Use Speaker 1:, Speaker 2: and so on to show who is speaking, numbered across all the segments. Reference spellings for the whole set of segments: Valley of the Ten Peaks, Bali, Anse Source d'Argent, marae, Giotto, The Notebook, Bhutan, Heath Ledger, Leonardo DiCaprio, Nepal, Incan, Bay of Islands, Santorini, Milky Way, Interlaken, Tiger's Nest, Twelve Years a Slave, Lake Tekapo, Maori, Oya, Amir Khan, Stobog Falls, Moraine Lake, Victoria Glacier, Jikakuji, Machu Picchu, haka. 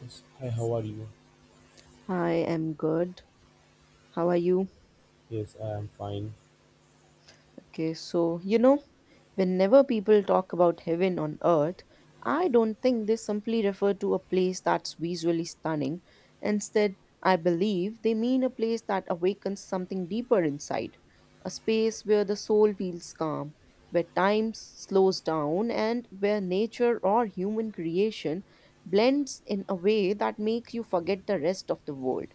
Speaker 1: Yes. Hi, how are you?
Speaker 2: I am good. How are you?
Speaker 1: Yes, I am fine.
Speaker 2: Okay, so you know, whenever people talk about heaven on earth, I don't think they simply refer to a place that's visually stunning. Instead, I believe they mean a place that awakens something deeper inside, a space where the soul feels calm, where time slows down, and where nature or human creation blends in a way that makes you forget the rest of the world.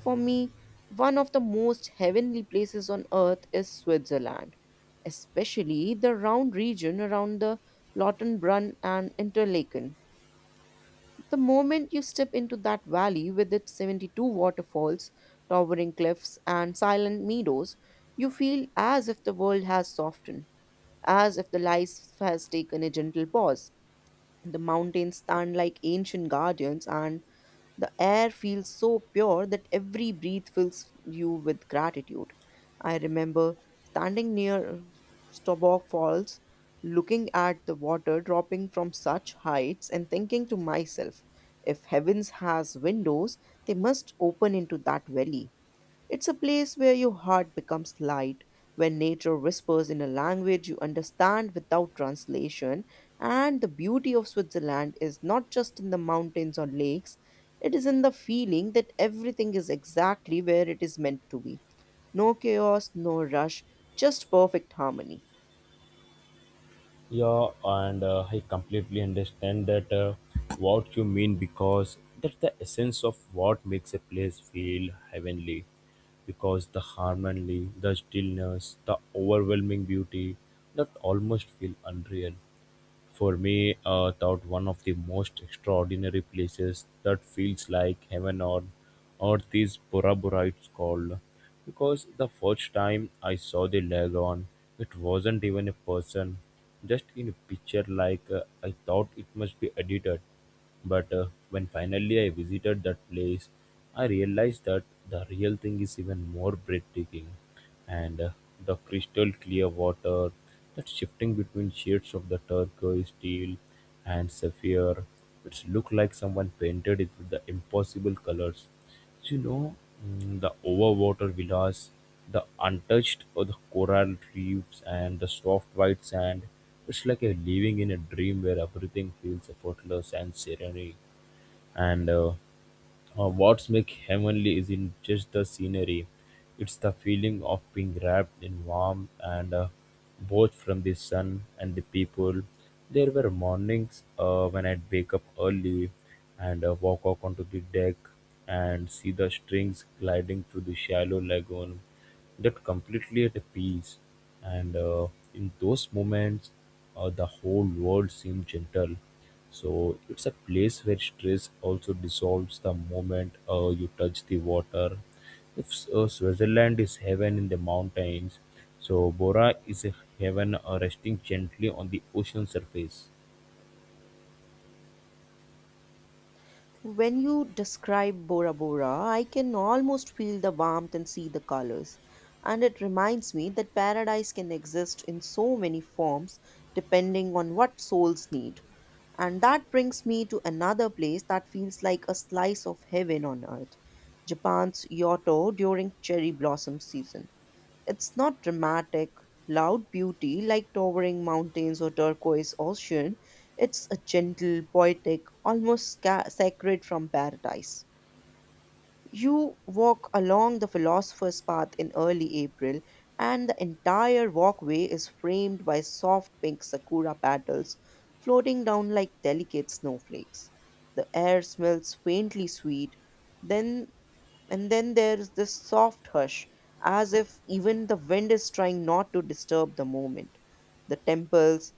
Speaker 2: For me, one of the most heavenly places on earth is Switzerland, especially the round region around the Lautenbrunn and Interlaken. The moment you step into that valley with its 72 waterfalls, towering cliffs, and silent meadows, you feel as if the world has softened, as if the life has taken a gentle pause. The mountains stand like ancient guardians, and the air feels so pure that every breath fills you with gratitude. I remember standing near Stobog Falls, looking at the water dropping from such heights and thinking to myself, if heavens has windows, they must open into that valley. It's a place where your heart becomes light, where nature whispers in a language you understand without translation. And the beauty of Switzerland is not just in the mountains or lakes, it is in the feeling that everything is exactly where it is meant to be. No chaos, no rush, just perfect harmony.
Speaker 1: Yeah, and I completely understand that what you mean, because that's the essence of what makes a place feel heavenly. Because the harmony, the stillness, the overwhelming beauty that almost feel unreal. For me, thought one of the most extraordinary places that feels like heaven on earth is Bora Bora, it's called. Because the first time I saw the lagoon, it wasn't even a person, just in a picture like I thought it must be edited. But when finally I visited that place, I realized that the real thing is even more breathtaking and the crystal clear water that's shifting between shades of the turquoise, steel, and sapphire, which look like someone painted it with the impossible colors. So, you know, the overwater villas, the untouched or the coral reefs, and the soft white sand. It's like a living in a dream where everything feels effortless and serene. And What's make heavenly isn't just the scenery; it's the feeling of being wrapped in warmth and both from the sun and the people. There were mornings when I'd wake up early and walk out onto the deck and see the strings gliding through the shallow lagoon. That completely at a peace, and in those moments, the whole world seemed gentle, so it's a place where stress also dissolves the moment you touch the water. If Switzerland is heaven in the mountains, so Bora is a heaven resting gently on the ocean surface.
Speaker 2: When you describe Bora Bora, I can almost feel the warmth and see the colors. And it reminds me that paradise can exist in so many forms depending on what souls need. And that brings me to another place that feels like a slice of heaven on earth: Japan's Kyoto during cherry blossom season. It's not dramatic, loud beauty like towering mountains or turquoise ocean. It's a gentle, poetic, almost sacred from paradise. You walk along the philosopher's path in early April, and the entire walkway is framed by soft pink sakura petals floating down like delicate snowflakes. The air smells faintly sweet, then and then there's this soft hush, as if even the wind is trying not to disturb the moment. The temples,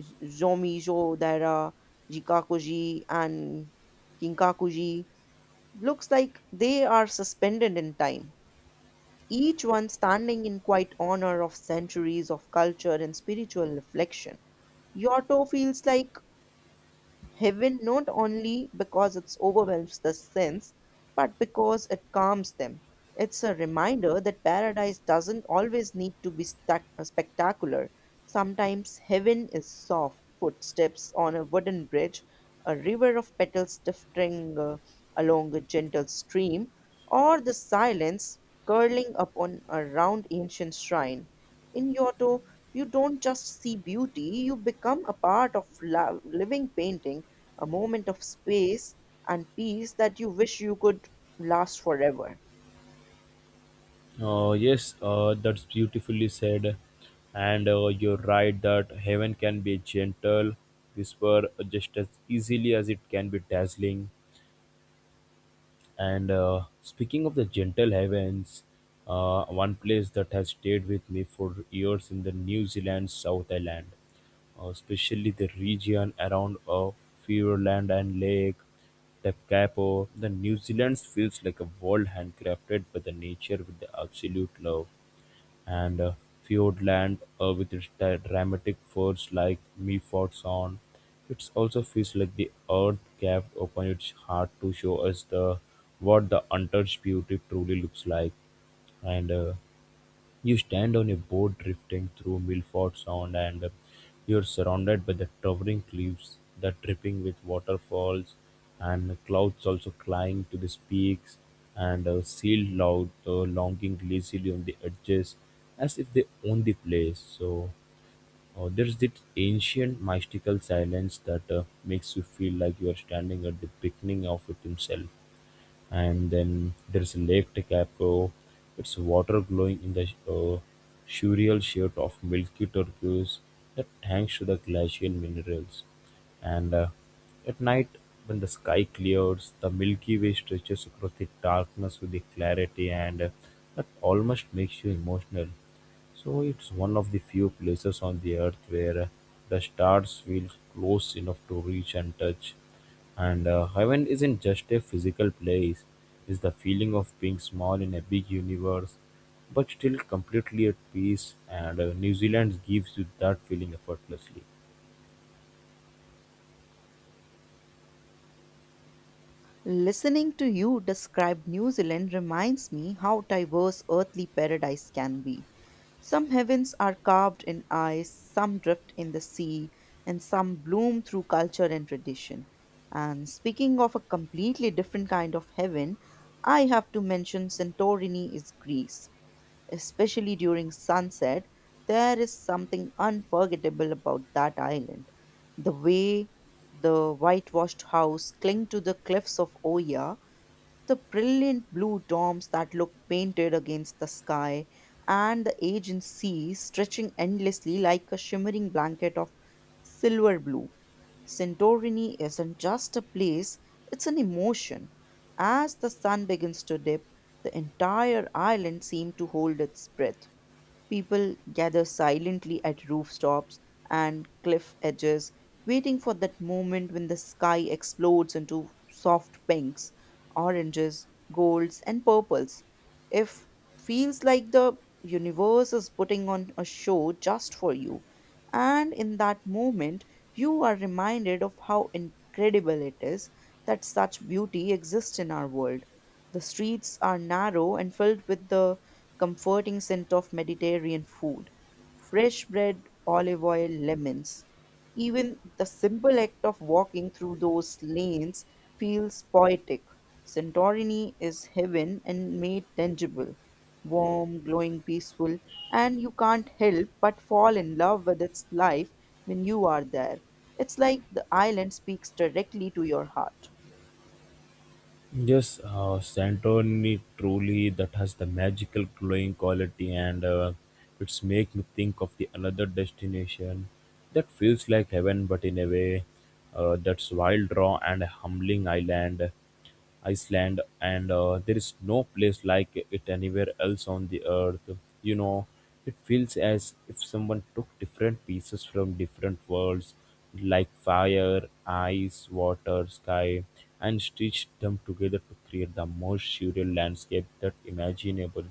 Speaker 2: Zomizo Daira, Jikakuji, and Kinkakuji, looks like they are suspended in time, each one standing in quiet honor of centuries of culture and spiritual reflection. Yoto feels like heaven not only because it overwhelms the sense, but because it calms them. It's a reminder that paradise doesn't always need to be spectacular. Sometimes heaven is soft footsteps on a wooden bridge, a river of petals drifting along a gentle stream, or the silence curling upon a round ancient shrine. In Giotto, you don't just see beauty, you become a part of love, living painting, a moment of space and peace that you wish you could last forever.
Speaker 1: Yes, that's beautifully said. And you're right that heaven can be a gentle whisper just as easily as it can be dazzling. And speaking of the gentle heavens, one place that has stayed with me for years in the New Zealand South Island, especially the region around Fiordland and Lake Te Kapo, the New Zealand feels like a world handcrafted by the nature with the absolute love and Fiordland with its dramatic forts like Mifodson. It also feels like the earth gaped open its heart to show us the what the untouched beauty truly looks like. And You stand on a boat drifting through Milford Sound and you're surrounded by the towering cliffs that dripping with waterfalls and clouds also flying to the peaks and sealed loud longing lazily on the edges as if they own the place. So there's this ancient mystical silence that makes you feel like you are standing at the beginning of it himself, and then there's Lake Tekapo. Its water glowing in the surreal shade of milky turquoise, that thanks to the glacial minerals. And At night, when the sky clears, the Milky Way stretches across the darkness with the clarity, and that almost makes you emotional. So it's one of the few places on the earth where the stars feel close enough to reach and touch. And heaven isn't just a physical place, it's the feeling of being small in a big universe, but still completely at peace. And New Zealand gives you that feeling effortlessly.
Speaker 2: Listening to you describe New Zealand reminds me how diverse earthly paradise can be. Some heavens are carved in ice, some drift in the sea, and some bloom through culture and tradition. And speaking of a completely different kind of heaven, I have to mention Santorini is Greece. Especially during sunset, there is something unforgettable about that island. The way the whitewashed house cling to the cliffs of Oya, the brilliant blue domes that looked painted against the sky, and the aged sea stretching endlessly like a shimmering blanket of silver blue. Santorini isn't just a place, it's an emotion. As the sun begins to dip, the entire island seemed to hold its breath. People gather silently at rooftops and cliff edges, waiting for that moment when the sky explodes into soft pinks, oranges, golds, and purples. If feels like the universe is putting on a show just for you. And in that moment, you are reminded of how incredible it is that such beauty exists in our world. The streets are narrow and filled with the comforting scent of Mediterranean food, fresh bread, olive oil, lemons. Even the simple act of walking through those lanes feels poetic. Santorini is heaven and made tangible, warm, glowing, peaceful, and you can't help but fall in love with its life when you are there. It's like the island speaks directly to your heart.
Speaker 1: Yes, Santoni truly that has the magical glowing quality, and it's make me think of the another destination that feels like heaven, but in a way that's wild, raw, and humbling island, Iceland, and there is no place like it anywhere else on the earth. You know, it feels as if someone took different pieces from different worlds like fire, ice, water, sky, and stitched them together to create the most surreal landscape that imaginable.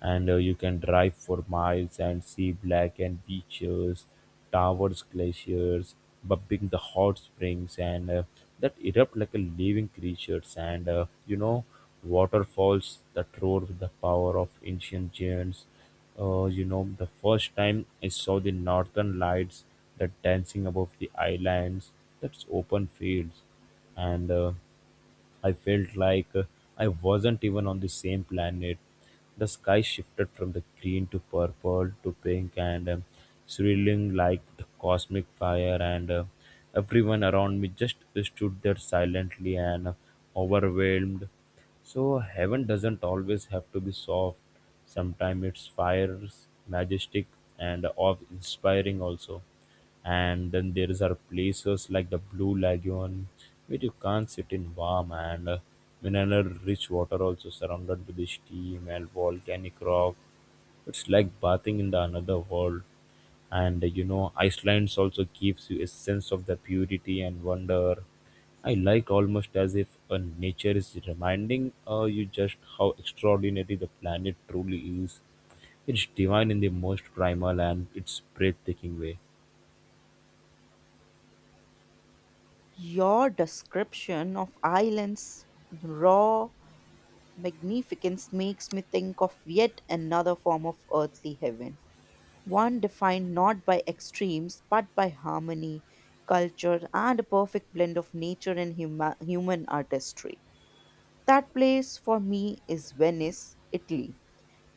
Speaker 1: And you can drive for miles and see blackened beaches, towers, glaciers, bubbling the hot springs, and that erupt like a living creatures. And you know, waterfalls that roar with the power of ancient giants, you know, the first time I saw the northern lights that dancing above the islands, that's open fields, and I felt like I wasn't even on the same planet. The sky shifted from the green to purple to pink and swirling like the cosmic fire, and everyone around me just stood there silently and overwhelmed. So, heaven doesn't always have to be soft, sometimes it's fires, majestic, and awe inspiring also, and then there is are places like the blue lagoon where you can't sit in warm and mineral rich water also surrounded by the steam and volcanic rock. It's like bathing in the another world, and you know, iceland also gives you a sense of the purity and wonder. I like almost as if nature is reminding you just how extraordinary the planet truly is. It's divine in the most primal and its breathtaking way.
Speaker 2: Your description of islands, raw, magnificence makes me think of yet another form of earthly heaven, one defined not by extremes but by harmony, culture, and a perfect blend of nature and human artistry. That place for me is Venice, Italy.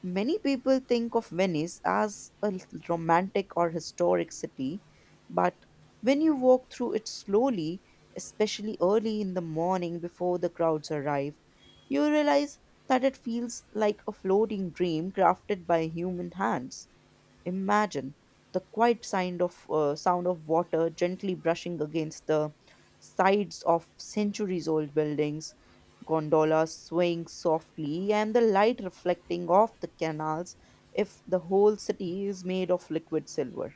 Speaker 2: Many people think of Venice as a romantic or historic city, but when you walk through it slowly, especially early in the morning before the crowds arrive, you realize that it feels like a floating dream crafted by human hands. Imagine the quiet sound of water gently brushing against the sides of centuries-old buildings, gondolas swaying softly, and the light reflecting off the canals. If the whole city is made of liquid silver.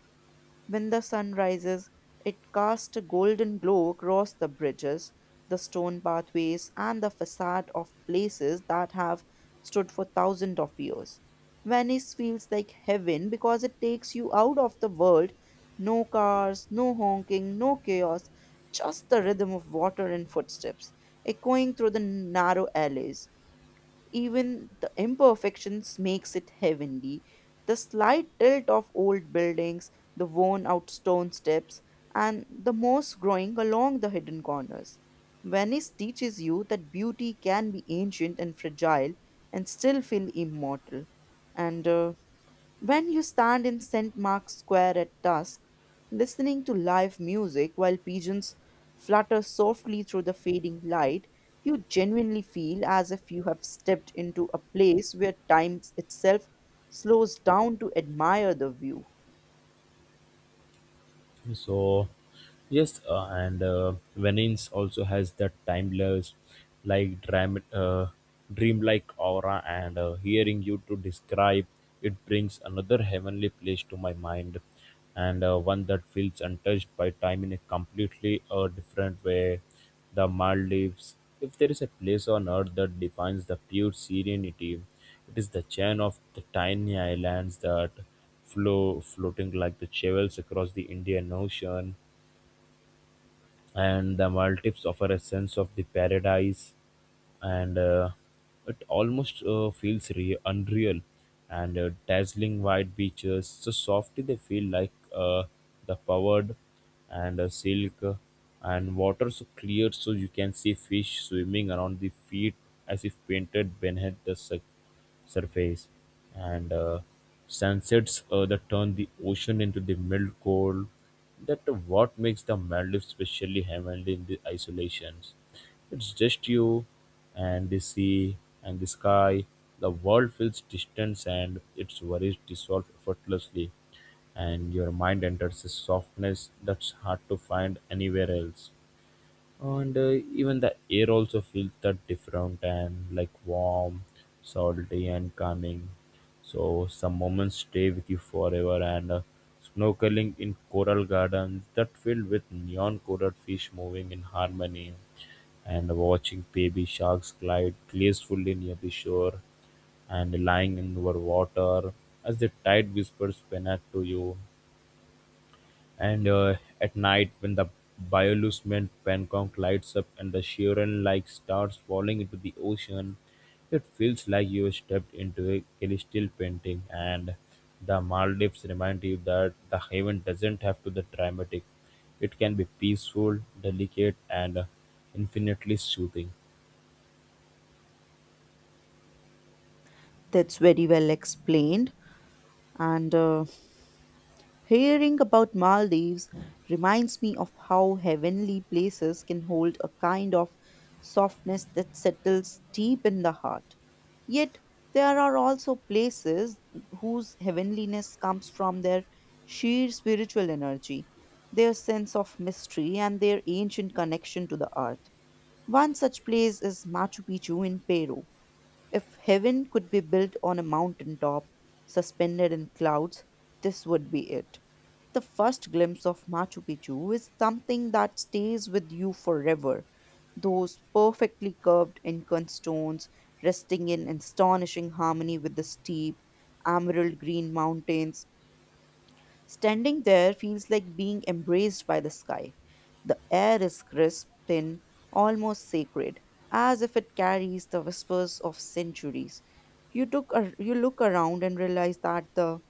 Speaker 2: When the sun rises, it casts a golden glow across the bridges, the stone pathways, and the facade of places that have stood for thousands of years. Venice feels like heaven because it takes you out of the world. No cars, no honking, no chaos, just the rhythm of water and footsteps echoing through the narrow alleys. Even the imperfections makes it heavenly. The slight tilt of old buildings, the worn out stone steps, and the moss growing along the hidden corners. Venice teaches you that beauty can be ancient and fragile and still feel immortal. And When you stand in St. Mark's Square at dusk, listening to live music while pigeons flutter softly through the fading light, you genuinely feel as if you have stepped into a place where time itself slows down to admire the view.
Speaker 1: So yes, and Venice also has that timeless like dreamlike aura, and hearing you to describe it brings another heavenly place to my mind, and one that feels untouched by time in a completely different way, the Maldives. If there is a place on earth that defines the pure serenity, it is the chain of the tiny islands that flow floating like the chevels across the Indian Ocean. And the Maldives offer a sense of the paradise, and it almost feels unreal, and dazzling white beaches so softly they feel like the powered and silk, and water so clear so you can see fish swimming around the feet as if painted beneath the surface, and sunsets that turn the ocean into the milk gold, that what makes the maldives specially heavenly in the isolations. It's just you and the sea and the sky. The world feels distant and its worries dissolve effortlessly, and your mind enters a softness that's hard to find anywhere else. And even the air also feels that different and like warm, salty, and calming. So some moments stay with you forever, and snorkeling in coral gardens that filled with neon colored fish moving in harmony, and watching baby sharks glide gracefully near the shore, and lying in over water as the tide whispers Penac to you. And at night, when the bioluminescent Pancong lights up and the Shiren like stars falling into the ocean, it feels like you have stepped into a celestial painting, and the Maldives remind you that the heaven doesn't have to be dramatic. It can be peaceful, delicate, and infinitely soothing.
Speaker 2: That's very well explained. And hearing about Maldives reminds me of how heavenly places can hold a kind of softness that settles deep in the heart. Yet, there are also places whose heavenliness comes from their sheer spiritual energy, their sense of mystery, and their ancient connection to the earth. One such place is Machu Picchu in Peru. If heaven could be built on a mountain top, suspended in clouds, this would be it. The first glimpse of Machu Picchu is something that stays with you forever. Those perfectly curved Incan stones resting in astonishing harmony with the steep, emerald green mountains, standing there feels like being embraced by the sky. The air is crisp, thin, almost sacred, as if it carries the whispers of centuries. You look around and realize that the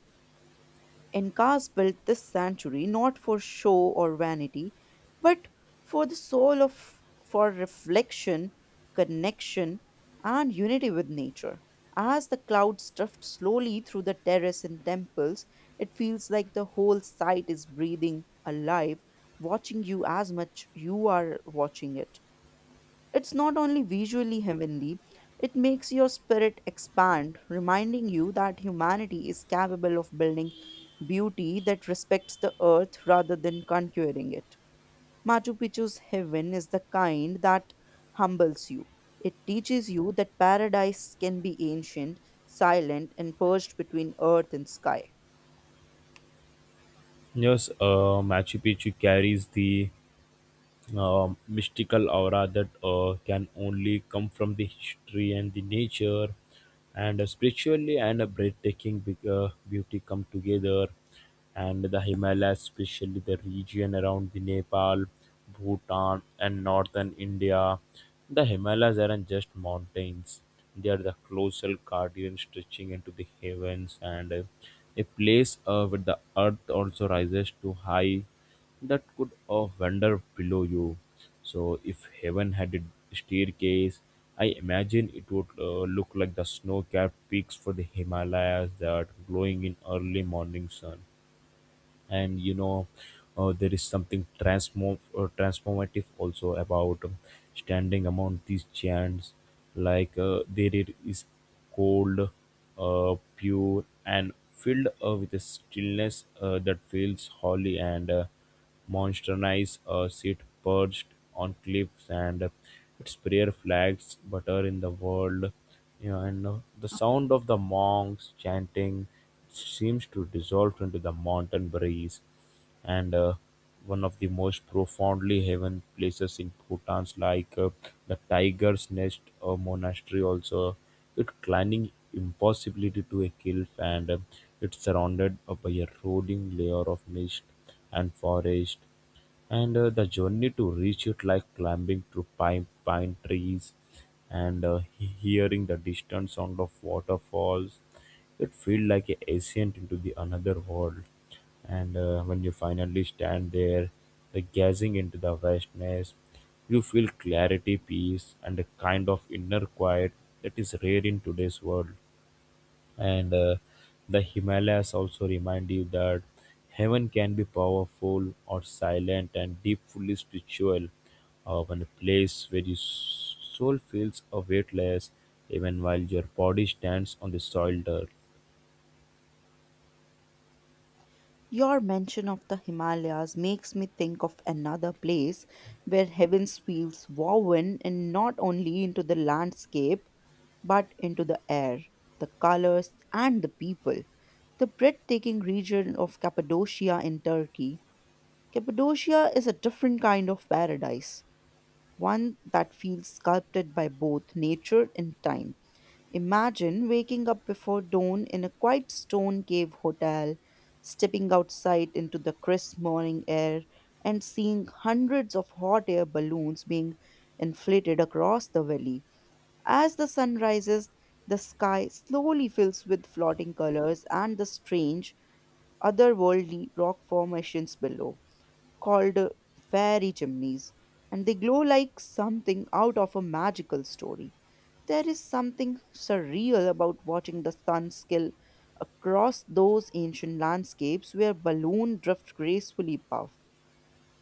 Speaker 2: Incas built this sanctuary not for show or vanity, but for the soul of for reflection, connection, and unity with nature. As the clouds drift slowly through the terrace and temples, it feels like the whole site is breathing alive, watching you as much you are watching it. It's not only visually heavenly, it makes your spirit expand, reminding you that humanity is capable of building beauty that respects the earth rather than conquering it. Machu Picchu's heaven is the kind that humbles you. It teaches you that paradise can be ancient, silent, and perched between earth and sky.
Speaker 1: Yes, Machu Picchu carries the mystical aura that can only come from the history and the nature and spiritually, and a breathtaking beauty come together, and the himalayas, especially the region around the nepal, bhutan and northern india. The himalayas aren't just mountains, they are the colossal guardian stretching into the heavens, and a place where the earth also rises to high that could wander below you. So, if heaven had a staircase, I imagine it would look like the snow capped peaks for the Himalayas that glowing in early morning sun. And you know, there is something transformative also about standing among these giants, like there it is, cold, pure and filled, with a stillness that feels holy, and monsternized sit perched on cliffs, and its prayer flags butter in the world, you know, and the sound of the monks chanting seems to dissolve into the mountain breeze, and one of the most profoundly heaven places in Bhutan's like the Tiger's Nest Monastery also. It climbing impossibility to a cliff, and it's surrounded by a rolling layer of mist and forest, and the journey to reach it like climbing through pine trees, and hearing the distant sound of waterfalls, it feel like a ascent into the another world, and when you finally stand there, the gazing into the vastness, you feel clarity peace and a kind of inner quiet that is rare in today's world, and the himalayas also remind you that heaven can be powerful or silent and deeply spiritual, when a place where your soul feels weightless even while your body stands on the soiled earth.
Speaker 2: Your mention of the Himalayas makes me think of another place where heaven's feels woven in not only into the landscape but into the air, the colors, and the people. The breathtaking region of Cappadocia in Turkey. Cappadocia is a different kind of paradise, one that feels sculpted by both nature and time. Imagine waking up before dawn in a quiet stone cave hotel, stepping outside into the crisp morning air, and seeing hundreds of hot air balloons being inflated across the valley. As the sun rises, the sky slowly fills with floating colors and the strange, otherworldly rock formations below called fairy chimneys, and they glow like something out of a magical story. There is something surreal about watching the sun skill across those ancient landscapes where balloon drift gracefully above.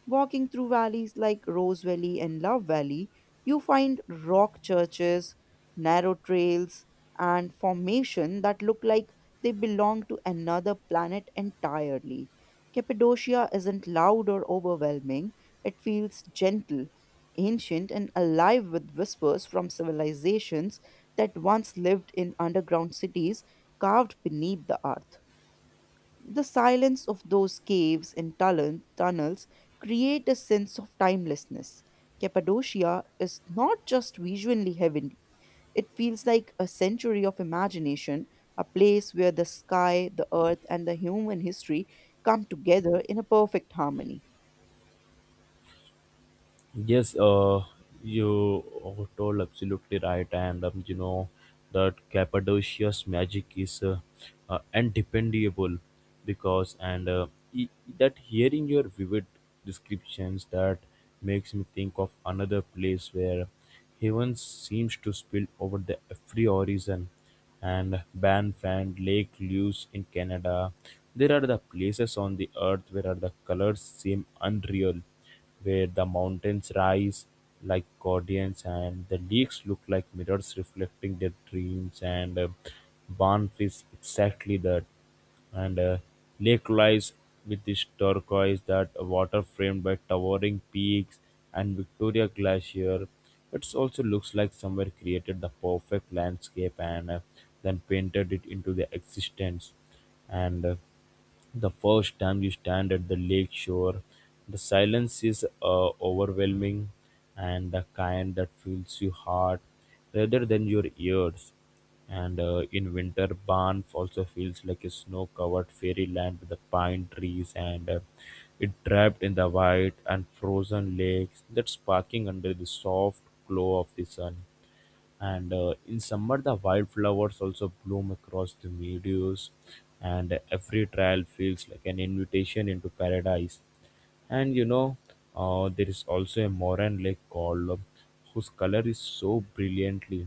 Speaker 2: Walking through valleys like Rose Valley and Love Valley, you find rock churches, narrow trails, and formations that look like they belong to another planet entirely. Cappadocia isn't loud or overwhelming, it feels gentle, ancient, and alive with whispers from civilizations that once lived in underground cities carved beneath the earth. The silence of those caves and tunnels create a sense of timelessness. Cappadocia is not just visually heavenly, it feels like a century of imagination, a place where the sky, the earth, and the human history come together in a perfect harmony.
Speaker 1: Yes, you told absolutely right, and you know that Cappadocia's magic is undependable because, that hearing your vivid descriptions that makes me think of another place where heaven seems to spill over the every horizon, and Banffan, Lake Lewis in Canada. There are the places on the earth where are the colors seem unreal, where the mountains rise like guardians and the lakes look like mirrors reflecting their dreams, and Banff is exactly that, and lake lies with this turquoise that water framed by towering peaks and Victoria Glacier. It also looks like somewhere created the perfect landscape, and then painted it into the existence. And the first time you stand at the lake shore, the silence is overwhelming, and the kind that fills your heart rather than your ears. And in winter, Banff also feels like a snow covered fairyland with the pine trees, and it trapped in the white and frozen lakes that sparkling under the soft glow of the sun, and in summer the wildflowers also bloom across the meadows, and every trail feels like an invitation into paradise. And you know There is also a moran lake called whose color is so brilliantly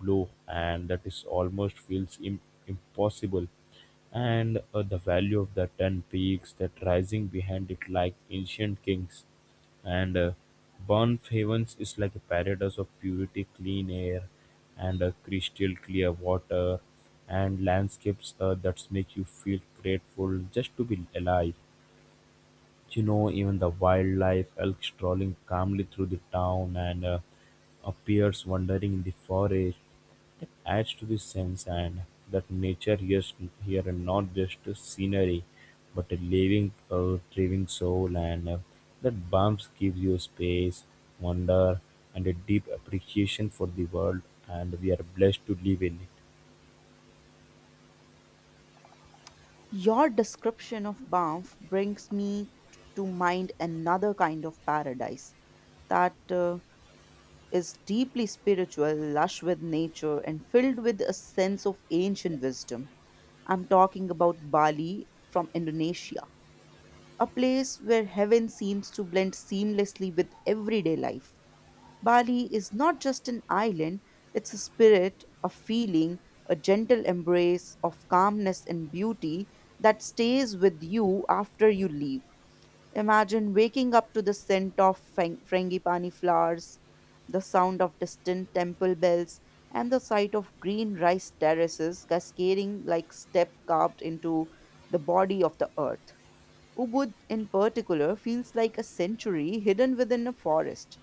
Speaker 1: blue, and that is almost feels impossible, and the value of the 10 peaks that rising behind it like ancient kings, and Bourne-Havens is like a paradise of purity, clean air, and crystal clear water, and landscapes that make you feel grateful just to be alive. You know, even the wildlife elk strolling calmly through the town, and appears wandering in the forest. That adds to the sense and that nature here, here and not just a scenery, but a living, thriving soul, and that bumps gives you space, wonder, and a deep appreciation for the world, and we are blessed to live in it.
Speaker 2: Your description of Banff brings me to mind another kind of paradise that is deeply spiritual, lush with nature, and filled with a sense of ancient wisdom. I'm talking about Bali from Indonesia, a place where heaven seems to blend seamlessly with everyday life. Bali is not just an island, it's a spirit, a feeling, a gentle embrace of calmness and beauty that stays with you after you leave. Imagine waking up to the scent of frangipani flowers, the sound of distant temple bells, and the sight of green rice terraces cascading like step carved into the body of the earth. Ubud, in particular, feels like a century hidden within a forest.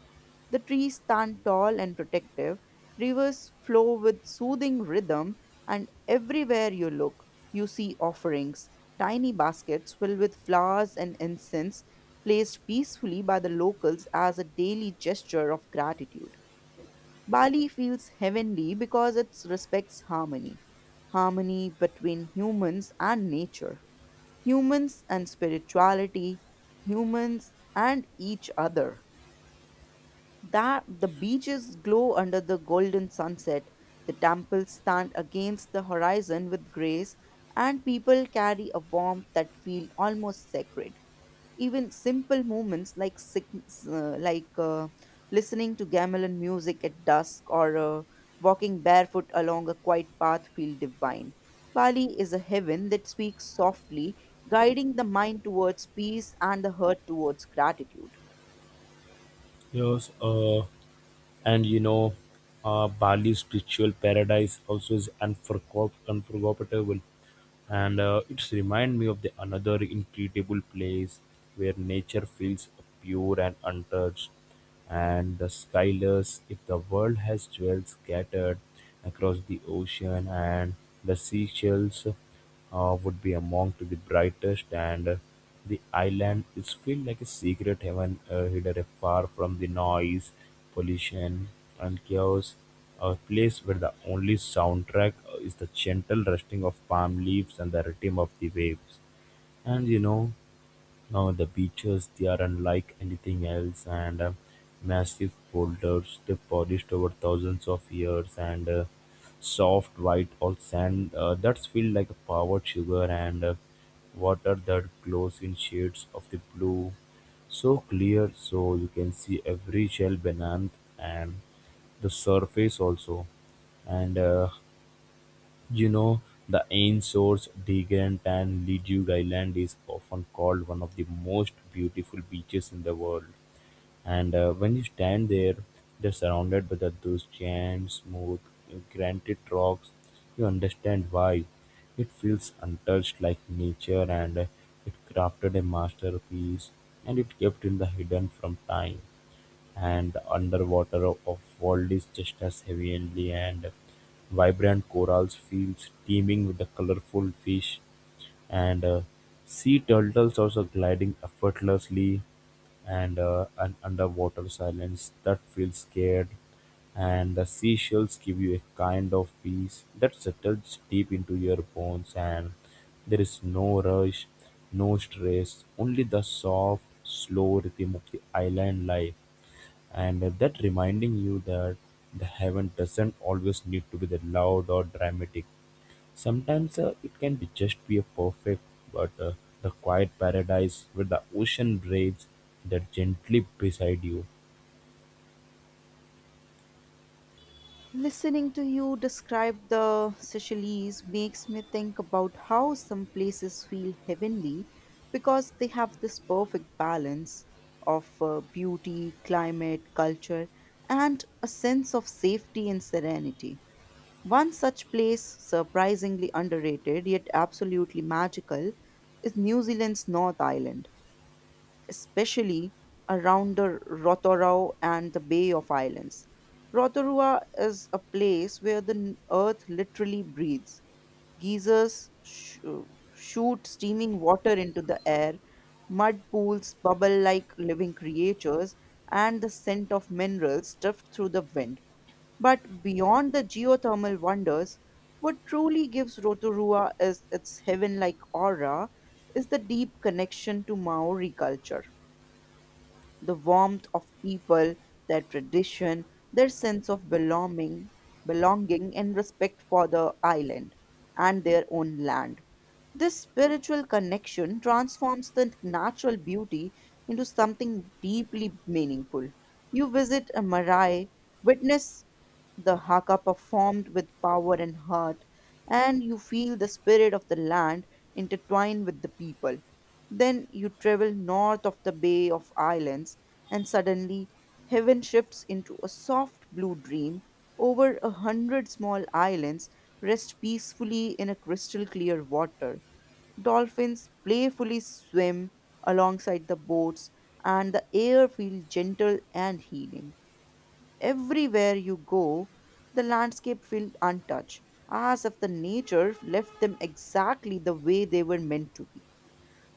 Speaker 2: The trees stand tall and protective, rivers flow with soothing rhythm, and everywhere you look, you see offerings, tiny baskets filled with flowers and incense placed peacefully by the locals as a daily gesture of gratitude. Bali feels heavenly because it respects harmony between humans and nature, humans and spirituality, humans and each other. That the beaches glow under the golden sunset, the temples stand against the horizon with grace, and people carry a warmth that feel almost sacred. Even simple moments like listening to gamelan music at dusk or walking barefoot along a quiet path feel divine. Bali is a heaven that speaks softly, guiding the mind towards peace and the heart towards gratitude.
Speaker 1: Yes, and you know Bali's spiritual paradise also is unforgettable, and it's remind me of the another incredible place where nature feels pure and untouched, and the skyless if the world has jewels scattered across the ocean, and the seashells would be among to the brightest, and the island is feel like a secret heaven hidden far from the noise, pollution and chaos. A place where the only soundtrack is the gentle rustling of palm leaves and the rhythm of the waves. And you know, now the beaches they are unlike anything else, and massive boulders they polished over thousands of years, and soft white or sand that's feel like a powdered sugar, and water that glows in shades of the blue, so clear so you can see every shell beneath and the surface also. and uh, you know, The Ainsworth, Degent and Leduc Island is often called one of the most beautiful beaches in the world. And when you stand there, they're surrounded by the, those giant, smooth, granite rocks. You understand why. It feels untouched like nature, and it crafted a masterpiece and it kept in the hidden from time, and underwater of worlds just as heavenly and vibrant corals fields teeming with the colorful fish, and sea turtles also gliding effortlessly, and an underwater silence that feels scared, and the seashells give you a kind of peace that settles deep into your bones, and there is no rush, no stress, only the soft slow rhythm of the island life, and that reminding you that the heaven doesn't always need to be the loud or dramatic. Sometimes it can be just be a perfect, but the quiet paradise where the ocean breathes that gently beside you.
Speaker 2: Listening to you describe the Seychelles makes me think about how some places feel heavenly because they have this perfect balance of beauty, climate, culture, and a sense of safety and serenity. One such place, surprisingly underrated yet absolutely magical, is New Zealand's North Island, especially around the Rotorua and the Bay of Islands. Rotorua is a place where the earth literally breathes. Geysers shoot steaming water into the air, mud pools bubble like living creatures, and the scent of minerals drift through the wind. But beyond the geothermal wonders, what truly gives Rotorua is its heaven like aura is the deep connection to Maori culture, the warmth of people, their tradition, their sense of belonging and respect for the island and their own land. This spiritual connection transforms the natural beauty into something deeply meaningful. You visit a marae, witness the haka performed with power and heart, and you feel the spirit of the land intertwined with the people. Then you travel north of the Bay of Islands, and suddenly heaven shifts into a soft blue dream. Over a hundred small islands rest peacefully in a crystal clear water. Dolphins playfully swim alongside the boats, and the air feels gentle and healing. Everywhere you go, the landscape feels untouched, as if the nature left them exactly the way they were meant to be.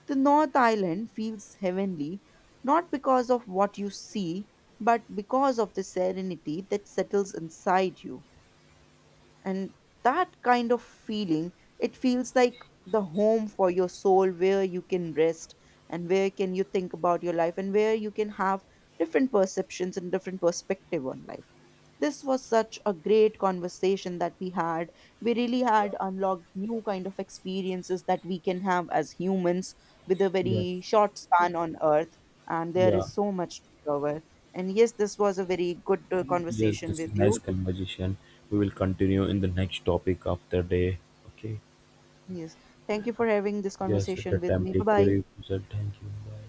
Speaker 2: The North Island feels heavenly not because of what you see, but because of the serenity that settles inside you, and that kind of feeling, it feels like the home for your soul, where you can rest and where can you think about your life and where you can have different perceptions and different perspective on life. This was such a great conversation that we had. We really had unlocked new kind of experiences that we can have as humans with a
Speaker 1: Yes.
Speaker 2: very short span on earth. And there
Speaker 1: Yeah.
Speaker 2: is so much to cover. And yes, this was a very good
Speaker 1: Yes,
Speaker 2: conversation
Speaker 1: this
Speaker 2: with
Speaker 1: is nice
Speaker 2: you.
Speaker 1: conversation. We will continue in the next topic after day. Okay.
Speaker 2: Yes. Thank you for having this
Speaker 1: Yes, at the
Speaker 2: conversation with
Speaker 1: time
Speaker 2: me. Bye
Speaker 1: take
Speaker 2: bye.
Speaker 1: care of yourself, thank you, bye.